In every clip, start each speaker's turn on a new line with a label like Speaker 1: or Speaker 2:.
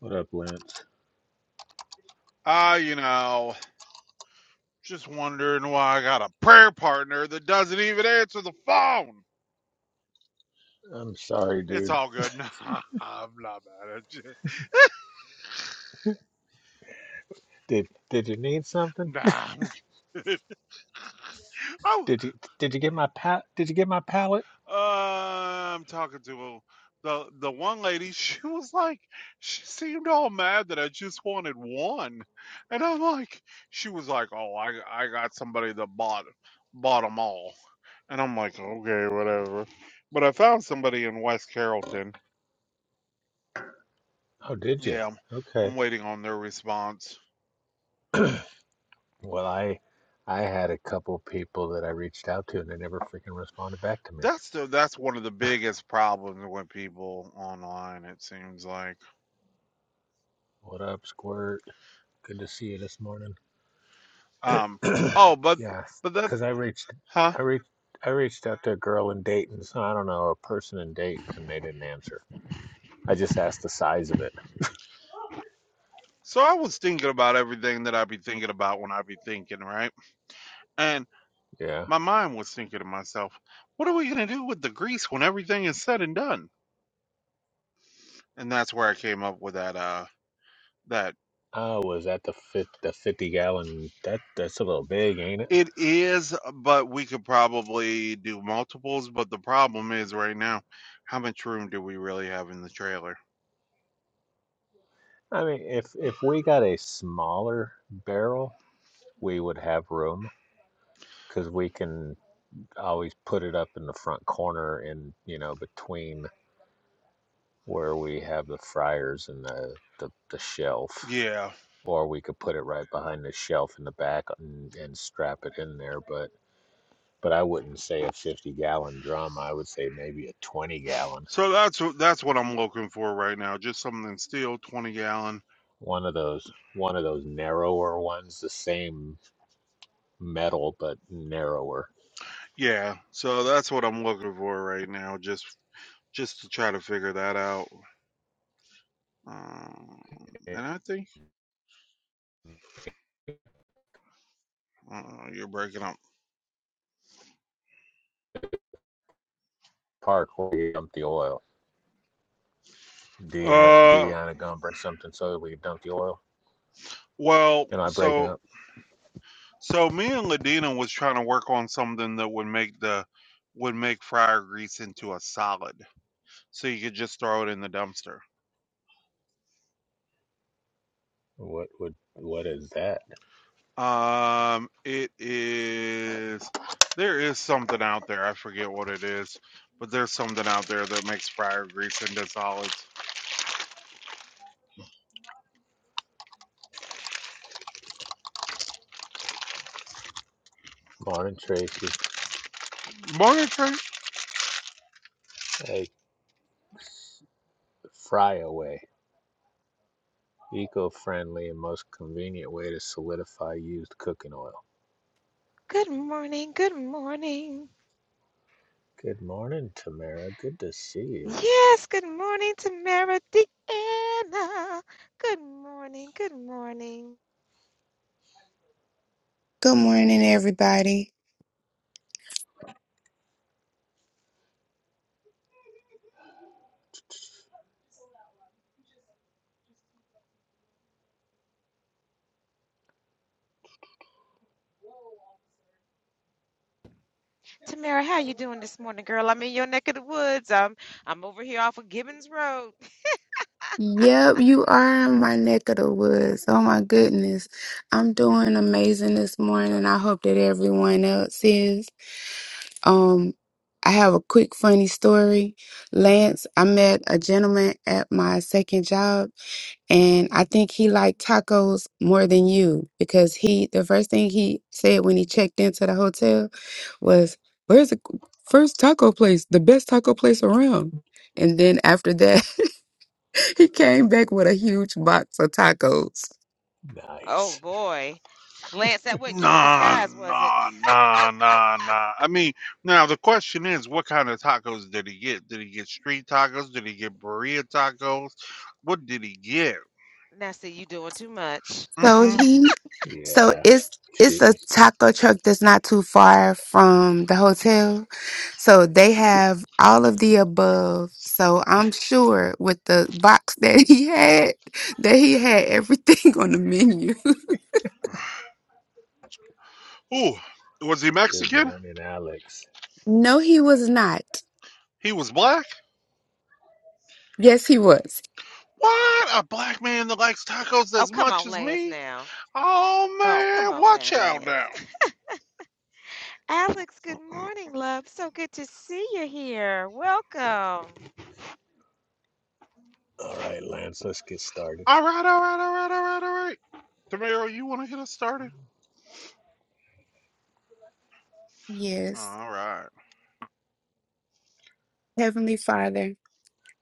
Speaker 1: What up, Lance?
Speaker 2: Ah, you know, just wondering why I got a prayer partner that doesn't even answer the phone.
Speaker 1: I'm sorry,
Speaker 2: It's
Speaker 1: dude.
Speaker 2: all good. Nah, I'm not mad at you.
Speaker 1: Did did you need something?
Speaker 2: Nah, I'm good. Oh,
Speaker 1: Did you did you get my pa? Did you get my palette?
Speaker 2: uh, I'm talking to the the one lady. She was like, she seemed all mad that I just wanted one, and I'm like, she was like, oh, I I got somebody that bought bought them all, and I'm like, okay, whatever. But I found somebody in West Carrollton
Speaker 1: Oh, did you?
Speaker 2: Yeah, I'm,
Speaker 1: Okay.
Speaker 2: I'm waiting on their response.
Speaker 1: Well, I I had a couple people that I reached out to, and they never freaking responded back to me.
Speaker 2: That's the that's one of the biggest problems with people online. It seems like.
Speaker 1: What up, Squirt? Good to see you this morning.
Speaker 2: Um. Oh, but
Speaker 1: Yeah,
Speaker 2: but
Speaker 1: because
Speaker 2: that's
Speaker 1: I reached
Speaker 2: huh.
Speaker 1: I reached I reached out to a girl in Dayton, so I don't know a person in Dayton, and they didn't answer. I just asked the size of it.
Speaker 2: So I was thinking about everything that I'd be thinking about when I'd be thinking, right? And
Speaker 1: Yeah.
Speaker 2: my mind was thinking to myself, what are we gonna do with the grease when everything is said and done? And that's where I came up with that uh that.
Speaker 1: Oh, was that the fit the fifty gallon? That that's a little big, ain't it?
Speaker 2: It is, but we could probably do multiples. But the problem is right now, how much room do we really have in the trailer?
Speaker 1: I mean, if if we got a smaller barrel, we would have room because we can always put it up in the front corner and, you know, between where we have the fryers and the, the, the shelf.
Speaker 2: Yeah.
Speaker 1: Or we could put it right behind the shelf in the back and, and strap it in there. But but I wouldn't say a 50 gallon drum. I would say maybe a 20 gallon.
Speaker 2: So that's what that's what I'm looking for right now. Just something steel, twenty gallon.
Speaker 1: One of those one of those narrower ones, the same metal but narrower.
Speaker 2: Yeah. So that's what I'm looking for right now. Just just to try to figure that out. Um, and I think uh, you're breaking up.
Speaker 1: park where we dumped the oil. Deanna,
Speaker 2: Uh,
Speaker 1: Deanna gonna bring something so that we dump the oil.
Speaker 2: well,
Speaker 1: And I breaking
Speaker 2: so
Speaker 1: up.
Speaker 2: So me and Ladina was trying to work on something that would make the would make fryer grease into a solid, so you could just throw it in the dumpster.
Speaker 1: What would what is that?
Speaker 2: Um, it is there is something out there. I forget what it is, but there's something out there that makes fryer grease into solids.
Speaker 1: Morning Tracy.
Speaker 2: Morning, Trey.
Speaker 1: A fry away. Eco-friendly and most convenient way to solidify used cooking oil.
Speaker 3: Good morning, good morning.
Speaker 1: Good morning, Tamara. Good to see you.
Speaker 3: Yes, good morning, Tamara Deanna. Good morning, good morning.
Speaker 4: Good morning, everybody.
Speaker 3: Tamara, how you doing this morning, girl? I'm in your neck of the woods. I'm I'm over here off of Gibbons Road.
Speaker 4: Yep, you are in my neck of the woods. Oh my goodness. I'm doing amazing this morning. I hope that everyone else is. Um, I have a quick funny story. Lance, I met a gentleman at my second job and I think he liked tacos more than you because he the first thing he said when he checked into the hotel was, "Where's the first taco place? The best taco place around?" And then after that he came back with a huge box of tacos.
Speaker 3: Oh
Speaker 1: Nice.
Speaker 3: boy. Lance, that wasn't you in
Speaker 2: Nah,
Speaker 3: disguise, was it?
Speaker 2: nah, nah, nah, nah. I mean, now the question is, what kind of tacos did he get? Did he get street tacos? Did he get burrito tacos? What did he get?
Speaker 3: Now see you doing too much.
Speaker 4: So
Speaker 2: Mm-mm.
Speaker 4: he, so
Speaker 1: Yeah.
Speaker 4: it's it's
Speaker 1: She
Speaker 4: a taco truck that's not too far from the hotel. So they have all of the above. So I'm sure with the box that he had, that he had everything on the menu.
Speaker 2: Ooh, was he
Speaker 1: good
Speaker 2: Mexican?
Speaker 1: morning, Alex.
Speaker 4: no, he was not.
Speaker 2: He was black?
Speaker 4: Yes, he was.
Speaker 2: What? A black man that likes tacos
Speaker 3: Oh,
Speaker 2: as
Speaker 3: come
Speaker 2: much
Speaker 3: on,
Speaker 2: as
Speaker 3: Lance
Speaker 2: me?
Speaker 3: now.
Speaker 2: Oh,
Speaker 3: Oh, come
Speaker 2: man.
Speaker 3: on now,
Speaker 2: Watch out
Speaker 3: Lance.
Speaker 2: now.
Speaker 3: Alex, good morning, love. So good to see you here. Welcome.
Speaker 1: All right, Lance, let's get started.
Speaker 2: All right, all right, all right, all right, all right. Tamara, you want to get us started?
Speaker 4: Yes.
Speaker 2: All right.
Speaker 4: Heavenly Father,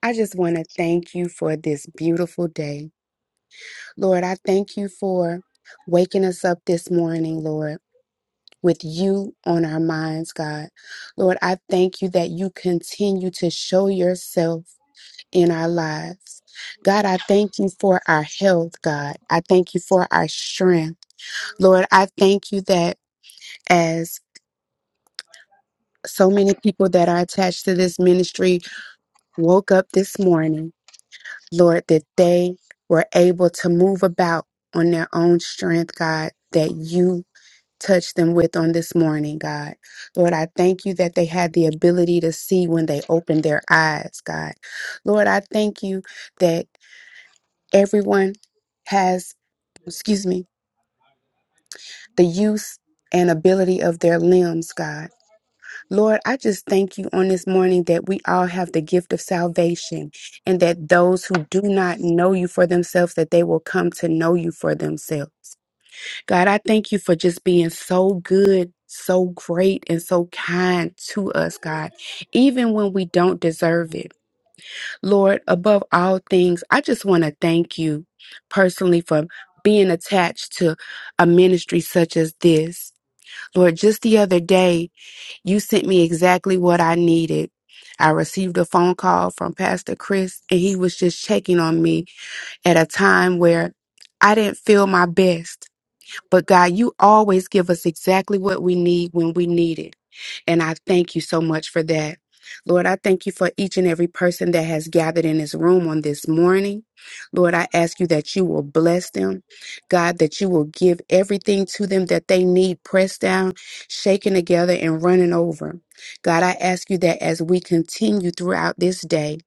Speaker 4: I just want to thank you for this beautiful day. Lord, I thank you for waking us up this morning, Lord, with you on our minds, God. Lord, I thank you that you continue to show yourself in our lives. God, I thank you for our health, God. I thank you for our strength. Lord, I thank you that as so many people that are attached to this ministry woke up this morning, Lord, that they were able to move about on their own strength, God, that you touch them with on this morning, God. Lord, I thank you that they had the ability to see when they opened their eyes, God. Lord, I thank you that everyone has, excuse me, the use and ability of their limbs, God. Lord, I just thank you on this morning that we all have the gift of salvation and that those who do not know you for themselves that they will come to know you for themselves. God, I thank you for just being so good, so great, and so kind to us, God, even when we don't deserve it. Lord, above all things, I just want to thank you personally for being attached to a ministry such as this. Lord, just the other day, you sent me exactly what I needed. I received a phone call from Pastor Chris, and he was just checking on me at a time where I didn't feel my best. But God, you always give us exactly what we need when we need it. And I thank you so much for that. Lord, I thank you for each and every person that has gathered in this room on this morning. Lord, I ask you that you will bless them. God, that you will give everything to them that they need, pressed down, shaken together, and running over. God, I ask you that as we continue throughout this day,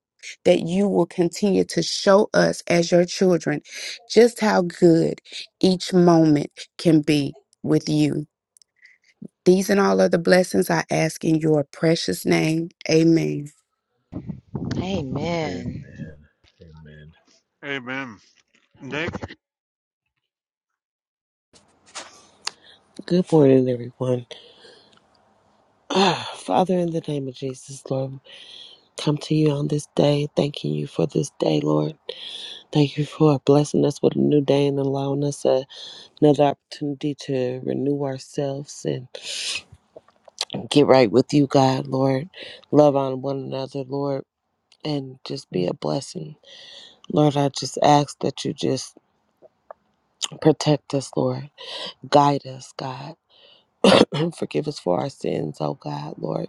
Speaker 4: that you will continue to show us as your children just how good each moment can be with you. These and all other blessings I ask in your precious name. Amen.
Speaker 1: Amen.
Speaker 3: Amen.
Speaker 1: Amen.
Speaker 2: Amen. Nick?
Speaker 5: Good morning, everyone. Ah, Father, in the name of Jesus, Lord, come to you on this day, thanking you for this day, Lord. Thank you for blessing us with a new day and allowing us a, another opportunity to renew ourselves and get right with you, God, Lord. Love on one another, Lord, and just be a blessing. Lord, I just ask that you just protect us, Lord. Guide us, God. Forgive us for our sins, oh God, Lord.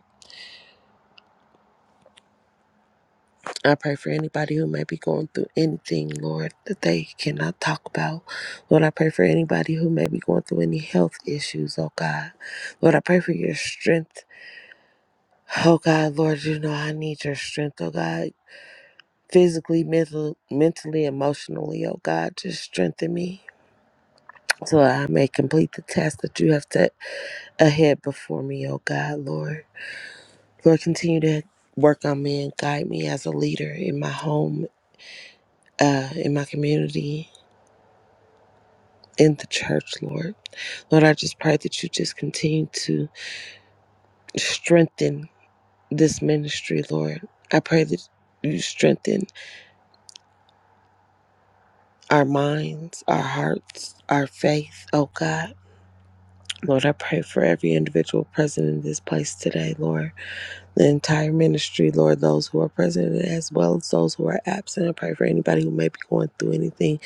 Speaker 5: I pray for anybody who may be going through anything, Lord, that they cannot talk about. Lord, I pray for anybody who may be going through any health issues, oh God. Lord, I pray for your strength. Oh God, Lord, you know I need your strength, oh God. Physically, mental, mentally, emotionally, oh God, just strengthen me. So I may complete the task that you have set ahead before me, oh God, Lord. Lord, continue to work on me and guide me as a leader in my home, uh, in my community, in the church, Lord. Lord, I just pray that you just continue to strengthen this ministry, Lord. I pray that you strengthen our minds, our hearts, our faith, oh God. Lord, I pray for every individual present in this place today, Lord. The entire ministry, Lord, those who are present as well as those who are absent. I pray for anybody who may be going through anything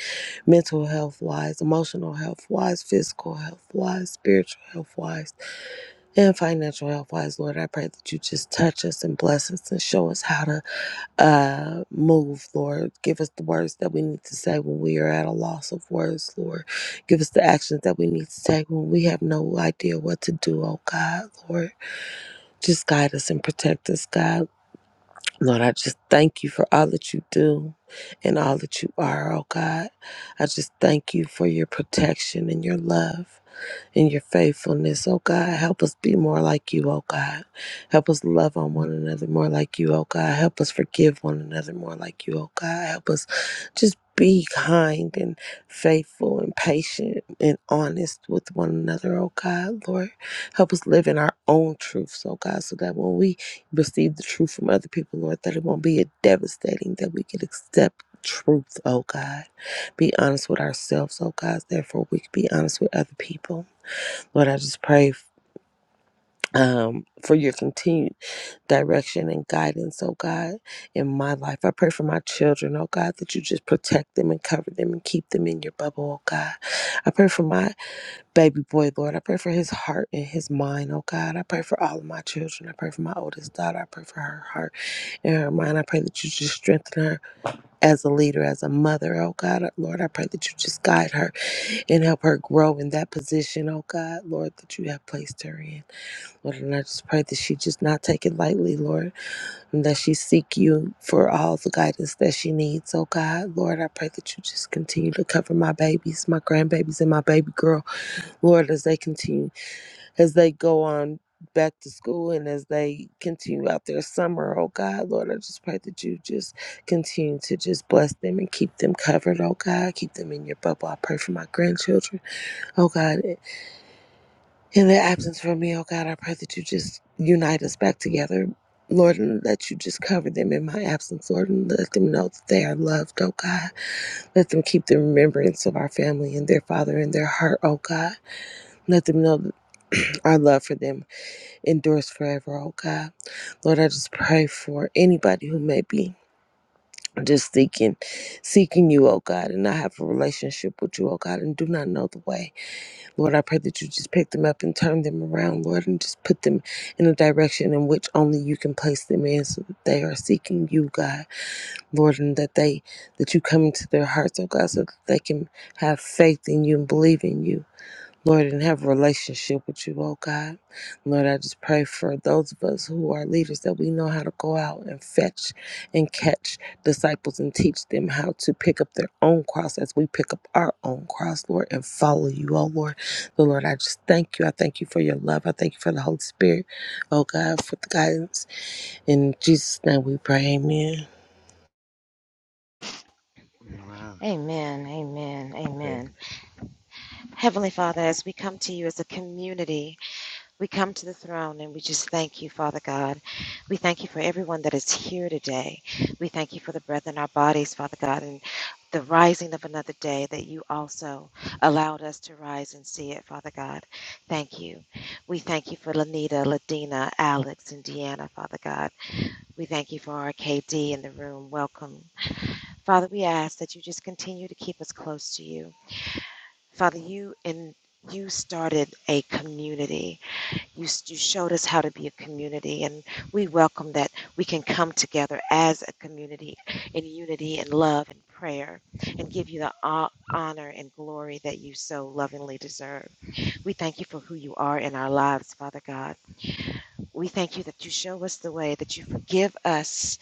Speaker 5: mental health wise, emotional health wise, physical health wise, spiritual health wise. and financial health wise, Lord. I pray that you just touch us and bless us and show us how to uh, move, Lord. Give us the words that we need to say when we are at a loss of words, Lord. Give us the actions that we need to take when we have no idea what to do, oh God, Lord. Just guide us and protect us, God. Lord, I just thank you for all that you do and all that you are, oh God. I just thank you for your protection and your love and your faithfulness. Oh God, help us be more like you, oh God. Help us love on one another more like you, oh God. Help us forgive one another more like you, oh God. Help us just be kind and faithful and patient and honest with one another, oh God, Lord. Help us live in our own truths, oh God, so that when we receive the truth from other people, Lord, that it won't be a devastating, that we can accept truth, oh God. Be honest with ourselves, oh God, therefore we can be honest with other people. Lord, I just pray um, for your continued direction and guidance, oh God, in my life. I pray for my children, oh God, that you just protect them and cover them and keep them in your bubble, oh God. I pray for my baby boy, Lord. I pray for his heart and his mind, oh God. I pray for all of my children. I pray for my oldest daughter. I pray for her heart and her mind. I pray that you just strengthen her as a leader, as a mother, oh God. Lord, I pray that you just guide her and help her grow in that position, oh God, Lord, that you have placed her in. Lord, and I just pray that she just not take it lightly, Lord, and that she seek you for all the guidance that she needs. Oh God, Lord, I pray that you just continue to cover my babies, my grandbabies, and my baby girl, Lord, as they continue, as they go on back to school and as they continue out their summer, oh God, Lord, I just pray that you just continue to just bless them and keep them covered, oh God, keep them in your bubble. I pray for my grandchildren, oh God, in their absence from me, oh God, I pray that you just unite us back together, Lord, and that you just cover them in my absence, Lord, and let them know that they are loved, oh God. Let them keep the remembrance of our family and their father in their heart, oh God. Let them know that our love for them endures forever, oh God. Lord, I just pray for anybody who may be just seeking seeking you, oh God, and not have a relationship with you, oh God, and do not know the way. Lord, I pray that you just pick them up and turn them around, Lord, and just put them in a direction in which only you can place them in so that they are seeking you, God, Lord, and that they that you come into their hearts, oh God, so that they can have faith in you and believe in you. Lord, and have a relationship with you, oh God. Lord, I just pray for those of us who are leaders that we know how to go out and fetch and catch disciples and teach them how to pick up their own cross as we pick up our own cross, Lord, and follow you, oh Lord. So, Lord, I just thank you. I thank you for your love. I thank you for the Holy Spirit, oh God, for the guidance. In Jesus' name we pray, amen.
Speaker 2: Amen.
Speaker 3: Amen, amen,
Speaker 1: Amen.
Speaker 3: amen. Heavenly Father, as we come to you as a community, we come to the throne and we just thank you, Father God. We thank you for everyone that is here today. We thank you for the breath in our bodies, Father God, and the rising of another day that you also allowed us to rise and see it, Father God. Thank you. We thank you for Lanita, Ladina, Alex, and Deanna, Father God. We thank you for our KD in the room. Welcome. Father, we ask that you just continue to keep us close to you. Father, you and you started a community. You, s- you showed us how to be a community, and we welcome that we can come together as a community in unity and love and prayer and give you the ho- honor and glory that you so lovingly deserve. We thank you for who you are in our lives, Father God. We thank you that you show us the way, that you forgive us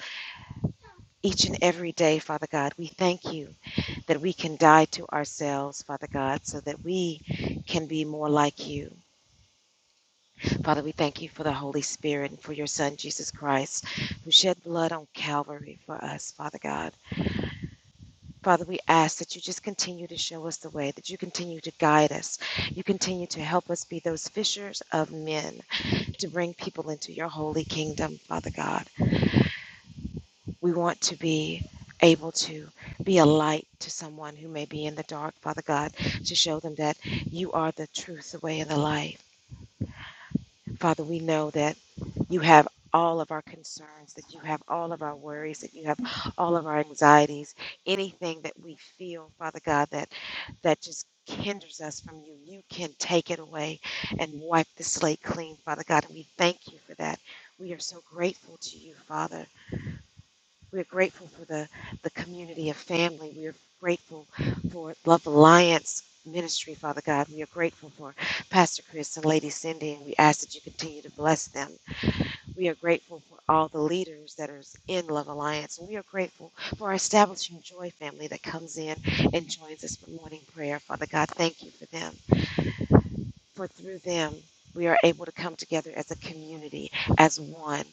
Speaker 3: each and every day, Father God. We thank you that we can die to ourselves, Father God, so that we can be more like you. Father, we thank you for the Holy Spirit and for your Son, Jesus Christ, who shed blood on Calvary for us, Father God. Father, we ask that you just continue to show us the way, that you continue to guide us, you continue to help us be those fishers of men, to bring people into your holy kingdom, Father God. We want to be able to be a light to someone who may be in the dark, Father God, to show them that you are the truth, the way, and the life. Father, we know that you have all of our concerns, that you have all of our worries, that you have all of our anxieties, anything that we feel, Father God, that that just hinders us from you. You can take it away and wipe the slate clean, Father God. And we thank you for that. We are so grateful to you, Father. We're grateful for the, the community of family. We are grateful for Love Alliance Ministry, Father God. We are grateful for Pastor Chris and Lady Cindy, and we ask that you continue to bless them. We are grateful for all the leaders that are in Love Alliance, and we are grateful for our Establishing Joy family that comes in and joins us for morning prayer. Father God, thank you for them, for through them, we are able to come together as a community, as one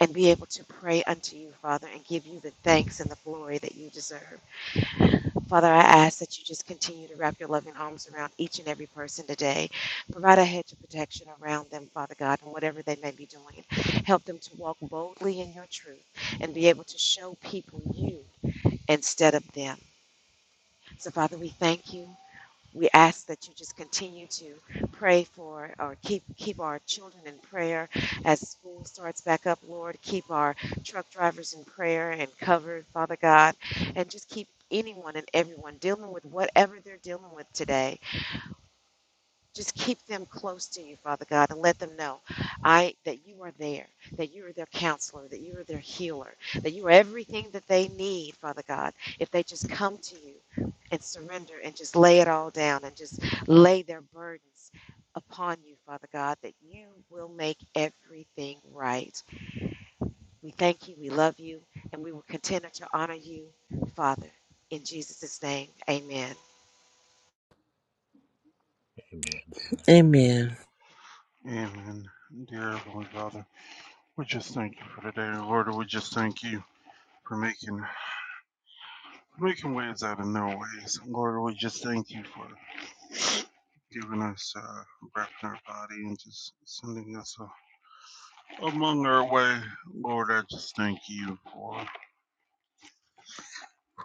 Speaker 3: and be able to pray unto you, Father, and give you the thanks and the glory that you deserve. Father, I ask that you just continue to wrap your loving arms around each and every person today. Provide a hedge of protection around them, Father God, and whatever they may be doing. Help them to walk boldly in your truth and be able to show people you instead of them. So, Father, we thank you we ask that you just continue to pray for or keep keep our children in prayer as school starts back up lord keep our truck drivers in prayer and covered father god and just keep anyone and everyone dealing with whatever they're dealing with today just keep them close to you, Father God, and let them know I that you are there, that you are their counselor, that you are their healer, that you are everything that they need, Father God, if they just come to you and surrender and just lay it all down and just lay their burdens upon you, Father God, that you will make everything right. We thank you, we love you, and we will continue to honor you, Father. In Jesus' name, amen.
Speaker 1: Amen.
Speaker 5: Amen.
Speaker 2: Amen. Dear Heavenly Father, we just thank you for today. Lord, we just thank you for making making ways out of no ways. Lord, we just thank you for giving us uh, breath in our body and just sending us a Among our way, Lord, I just thank you for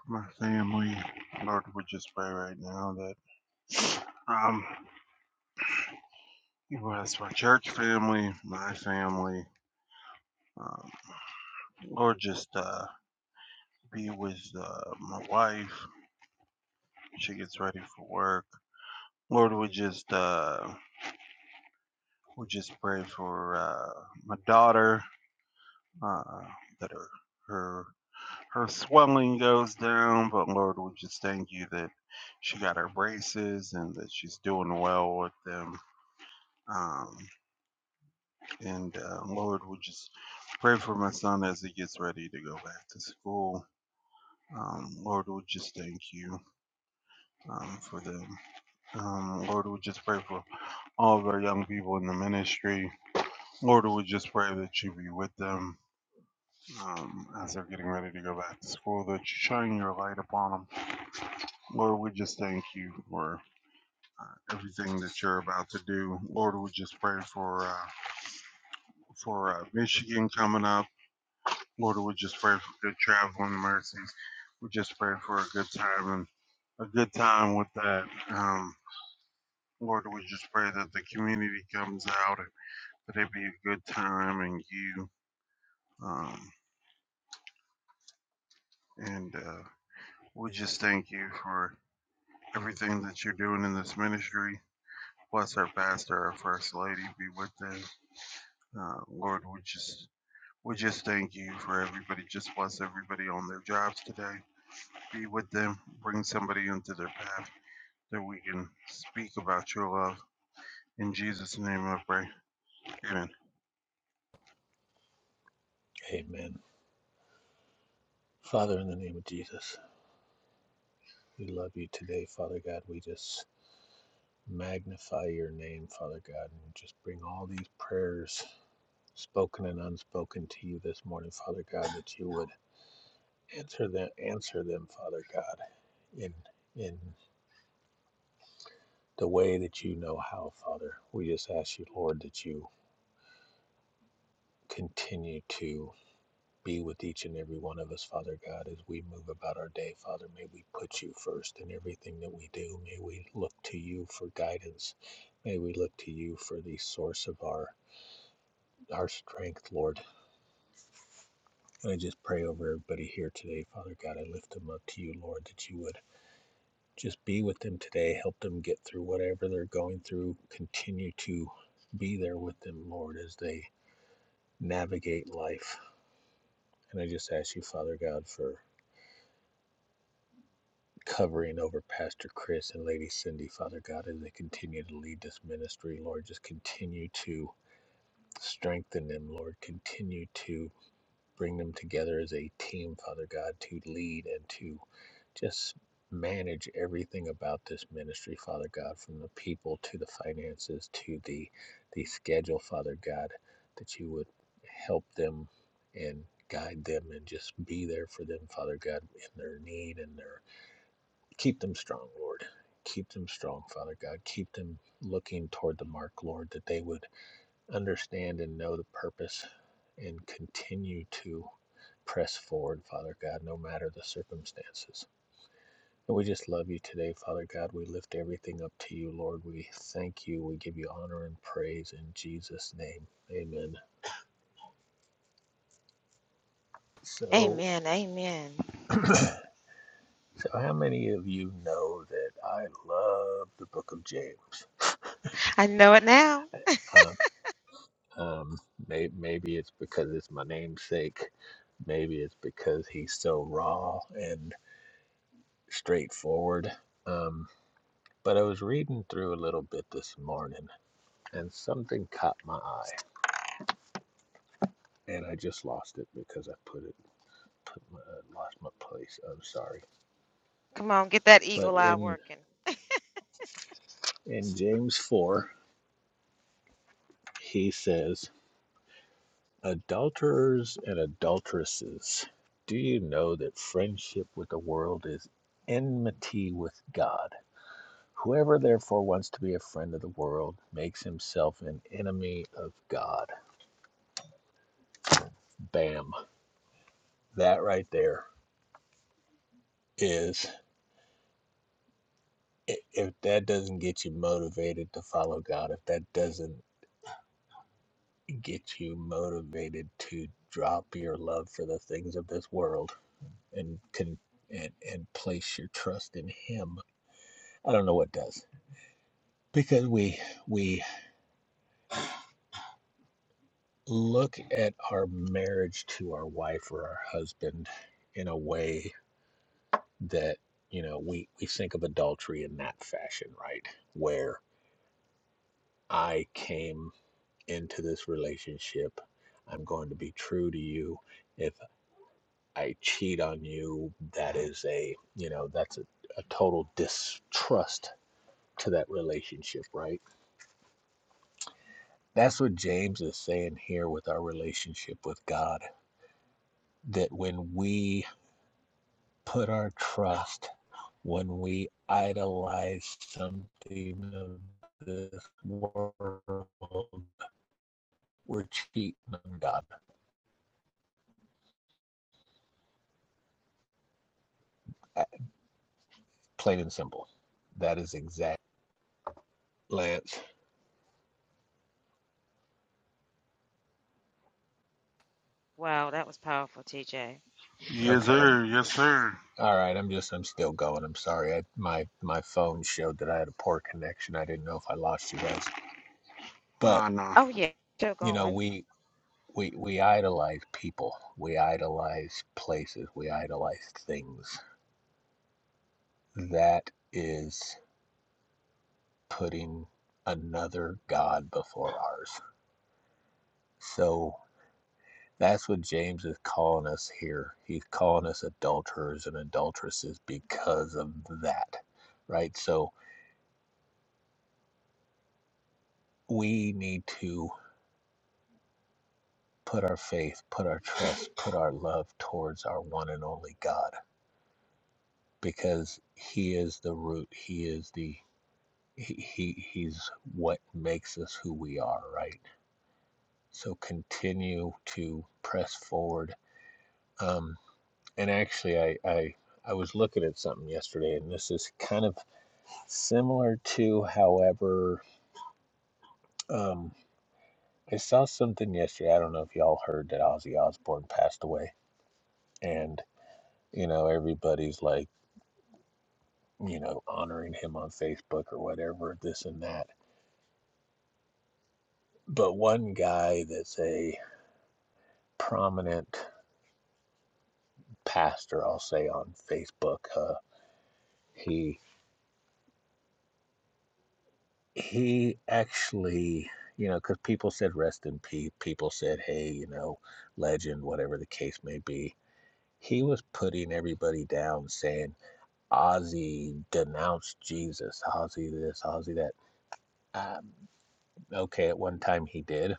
Speaker 2: my family. Lord, we just pray right now that um, you bless my church family, my family. Um, Lord, just uh, be with uh, my wife. She gets ready for work. Lord, we just uh, we just pray for uh, my daughter uh, that her her her swelling goes down. But Lord, we just thank you that she got her braces and that she's doing well with them. Um, and uh, Lord, we just pray for my son as he gets ready to go back to school. Um, Lord, we just thank you um, for them. Um, Lord, we just pray for all of our young people in the ministry. Lord, we just pray that you be with them um, as they're getting ready to go back to school, that you shine your light upon them. Lord, we just thank you for uh, everything that you're about to do. Lord, we just pray for uh, for uh, Michigan coming up. Lord, we just pray for good traveling mercies. We just pray for a good time and a good time with that. Um, Lord, we just pray that the community comes out and that it be a good time and you. Um, and uh, we just thank you for everything that you're doing in this ministry. Bless our pastor, our first lady, be with them. Uh, Lord, we just We just thank you for everybody. Just bless everybody on their jobs today. Be with them. Bring somebody into their path that we can speak about your love. In Jesus' name I pray. Amen.
Speaker 1: Amen. Amen. Father, in the name of Jesus, we love you today, Father God. We just magnify your name, Father God, and just bring all these prayers, spoken and unspoken, to you this morning, Father God, that you would answer them, answer them, Father God, in in the way that you know how, Father. We just ask you, Lord, that you continue to. Be with each and every one of us, Father God, as we move about our day. Father, may we put you first in everything that we do. May we look to you for guidance. May we look to you for the source of our our strength, Lord. And I just pray over everybody here today, Father God. I lift them up to you, Lord, that you would just be with them today, help them get through whatever they're going through. Continue to be there with them, Lord, as they navigate life. And I just ask you, Father God, for covering over Pastor Chris and Lady Cindy, Father God, as they continue to lead this ministry. Lord, just continue to strengthen them, Lord. Continue to bring them together as a team, Father God, to lead and to just manage everything about this ministry, Father God, from the people to the finances to the the schedule, Father God, that you would help them and guide them and just be there for them, Father God, in their need and their Keep them strong, Lord. Keep them strong, Father God. Keep them looking toward the mark, Lord, that they would understand and know the purpose and continue to press forward, Father God, no matter the circumstances. And we just love you today, Father God. We lift everything up to you, Lord. We thank you. We give you honor and praise in Jesus' name. Amen. So,
Speaker 3: Amen, amen.
Speaker 1: so how many of you know that I love the book of James?
Speaker 3: I know it now.
Speaker 1: Uh, Um, may, maybe it's because it's my namesake. Maybe it's because he's so raw and straightforward. Um, but I was reading through a little bit this morning, and something caught my eye, and I just lost it because I put it put my, uh, lost my place. I'm sorry.
Speaker 3: Come on, get that
Speaker 1: But
Speaker 3: eagle eye
Speaker 1: in
Speaker 3: working.
Speaker 1: in James four, he says, "Adulterers and adulteresses, do you know that friendship with the world is enmity with God?" Whoever therefore wants to be a friend of the world makes himself an enemy of God. Bam. That right there is if that doesn't get you motivated to follow God, if that doesn't get you motivated to drop your love for the things of this world and can and, and place your trust in him, I don't know what does. Because we we look at our marriage to our wife or our husband in a way that you know we we think of adultery in that fashion right where i came into this relationship i'm going to be true to you if i cheat on you that is a you know that's a, a total distrust to that relationship right that's what james is saying here with our relationship with god that when we put our trust when we idolize something of this world, we're cheating on God. Uh, Plain and simple. That is exact. Lance.
Speaker 3: Wow, that was powerful, TJ.
Speaker 2: Yes,
Speaker 1: Okay. I'm,
Speaker 2: sir. Yes, sir.
Speaker 1: all right. I'm just. I'm still going. I'm sorry. I, my my phone showed that I had a poor connection. I didn't know if I lost you guys. But
Speaker 2: Ah, no.
Speaker 3: Oh, yeah, still
Speaker 1: you know,
Speaker 3: going.
Speaker 1: we we we idolize people. We idolize places. We idolize things. That is. putting another God before ours. So that's what James is calling us here. He's calling us adulterers and adulteresses because of that, right? So we need to put our faith, put our trust, put our love towards our one and only God because He is the root, He is the he, he he's what makes us who we are right so continue to press forward Um, And actually, I, I I was looking at something yesterday, and this is kind of similar to, however, um, I saw something yesterday. I don't know if y'all heard that Ozzy Osbourne passed away, and you know everybody's like, you know, honoring him on Facebook or whatever, this and that. But one guy that's a prominent pastor, I'll say on Facebook, uh, he he actually, you know, because people said rest in peace, people said, hey, you know, legend, whatever the case may be. He was putting everybody down, saying Ozzy denounced Jesus, Ozzy this, Ozzy that. Um, okay, at one time he did.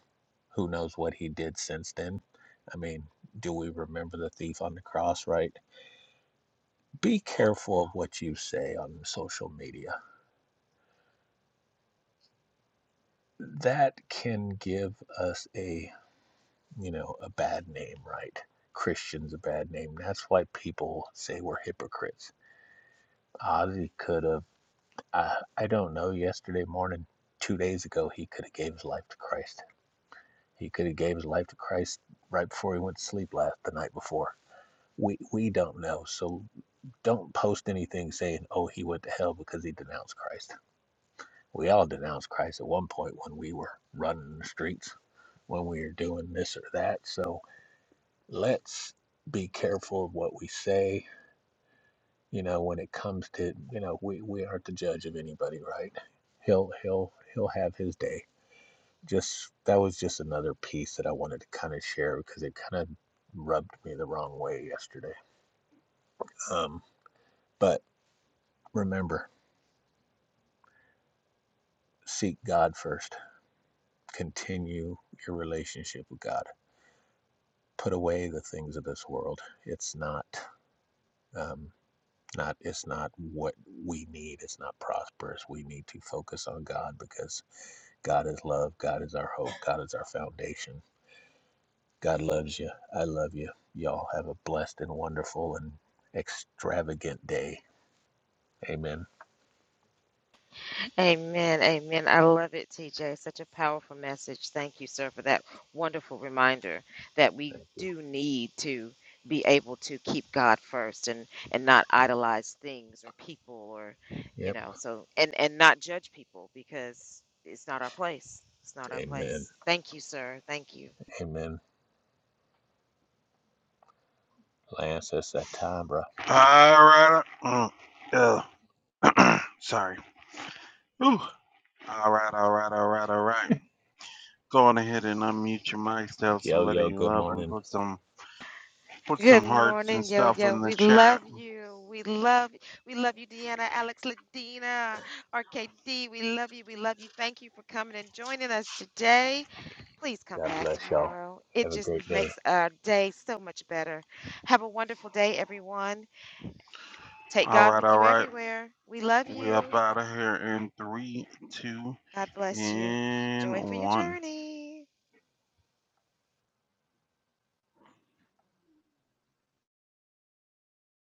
Speaker 1: Who knows what he did since then? I mean, do we remember the thief on the cross, right? Be careful of what you say on social media. That can give us a you know, a bad name, right? Christian's a bad name. That's why people say we're hypocrites. Ozzy could have, I, I don't know, yesterday morning, two days ago, he could have gave his life to Christ. He could have gave his life to Christ right before he went to sleep last the night before. We, we don't know. So don't post anything saying, oh, he went to hell because he denounced Christ. We all denounced Christ at one point when we were running the streets, when we were doing this or that. So let's be careful of what we say you know when it comes to you know we, we aren't the judge of anybody right he'll he'll he'll have his day just that was just another piece that i wanted to kind of share because it kind of rubbed me the wrong way yesterday um but remember seek god first continue your relationship with god put away the things of this world it's not um, Not it's not what we need. It's not prosperous. We need to focus on God because God is love. God is our hope. God is our foundation. God loves you. I love you. Y'all have a blessed and wonderful and extravagant day. Amen.
Speaker 3: Amen, amen. I love it, TJ. Such a powerful message. Thank you, sir, for that wonderful reminder that we
Speaker 1: Thank you.
Speaker 3: do need to be able to keep God first and and not
Speaker 1: Mm.
Speaker 3: idolize things or people or you
Speaker 1: Yep.
Speaker 3: know so and and not judge people because it's not our place. It's not our
Speaker 1: Amen.
Speaker 3: place. Thank you, sir. Thank you.
Speaker 1: Amen. Lance, it's that time, bro.
Speaker 2: All right. Uh, uh, sorry. Ooh. All right, all right, all right, all right. Go on ahead and unmute your mics. Tell
Speaker 1: Yo,
Speaker 2: somebody
Speaker 1: yo,
Speaker 2: you
Speaker 1: good
Speaker 2: love them.
Speaker 1: morning.
Speaker 2: Put some, put some
Speaker 3: Good
Speaker 2: hearts and
Speaker 3: morning, yo
Speaker 2: stuff
Speaker 3: yo.
Speaker 2: in the
Speaker 3: We love
Speaker 2: chat.
Speaker 3: you. We love we love you, Deanna, Alex, Ladina, RKD. We love you. We love you. Thank you for coming and joining us today. Please come
Speaker 1: God
Speaker 3: back
Speaker 1: bless y'all.
Speaker 3: tomorrow. It
Speaker 1: Have a
Speaker 3: just
Speaker 1: great day.
Speaker 3: makes our day so much better. Have a wonderful day, everyone. Take
Speaker 2: All
Speaker 3: God
Speaker 2: right,
Speaker 3: with
Speaker 2: all
Speaker 3: you
Speaker 2: right.
Speaker 3: everywhere. We love
Speaker 2: We up
Speaker 3: you.
Speaker 2: out of here in three, two,
Speaker 3: God bless you.
Speaker 2: In
Speaker 3: Joy for your
Speaker 2: one.
Speaker 3: journey.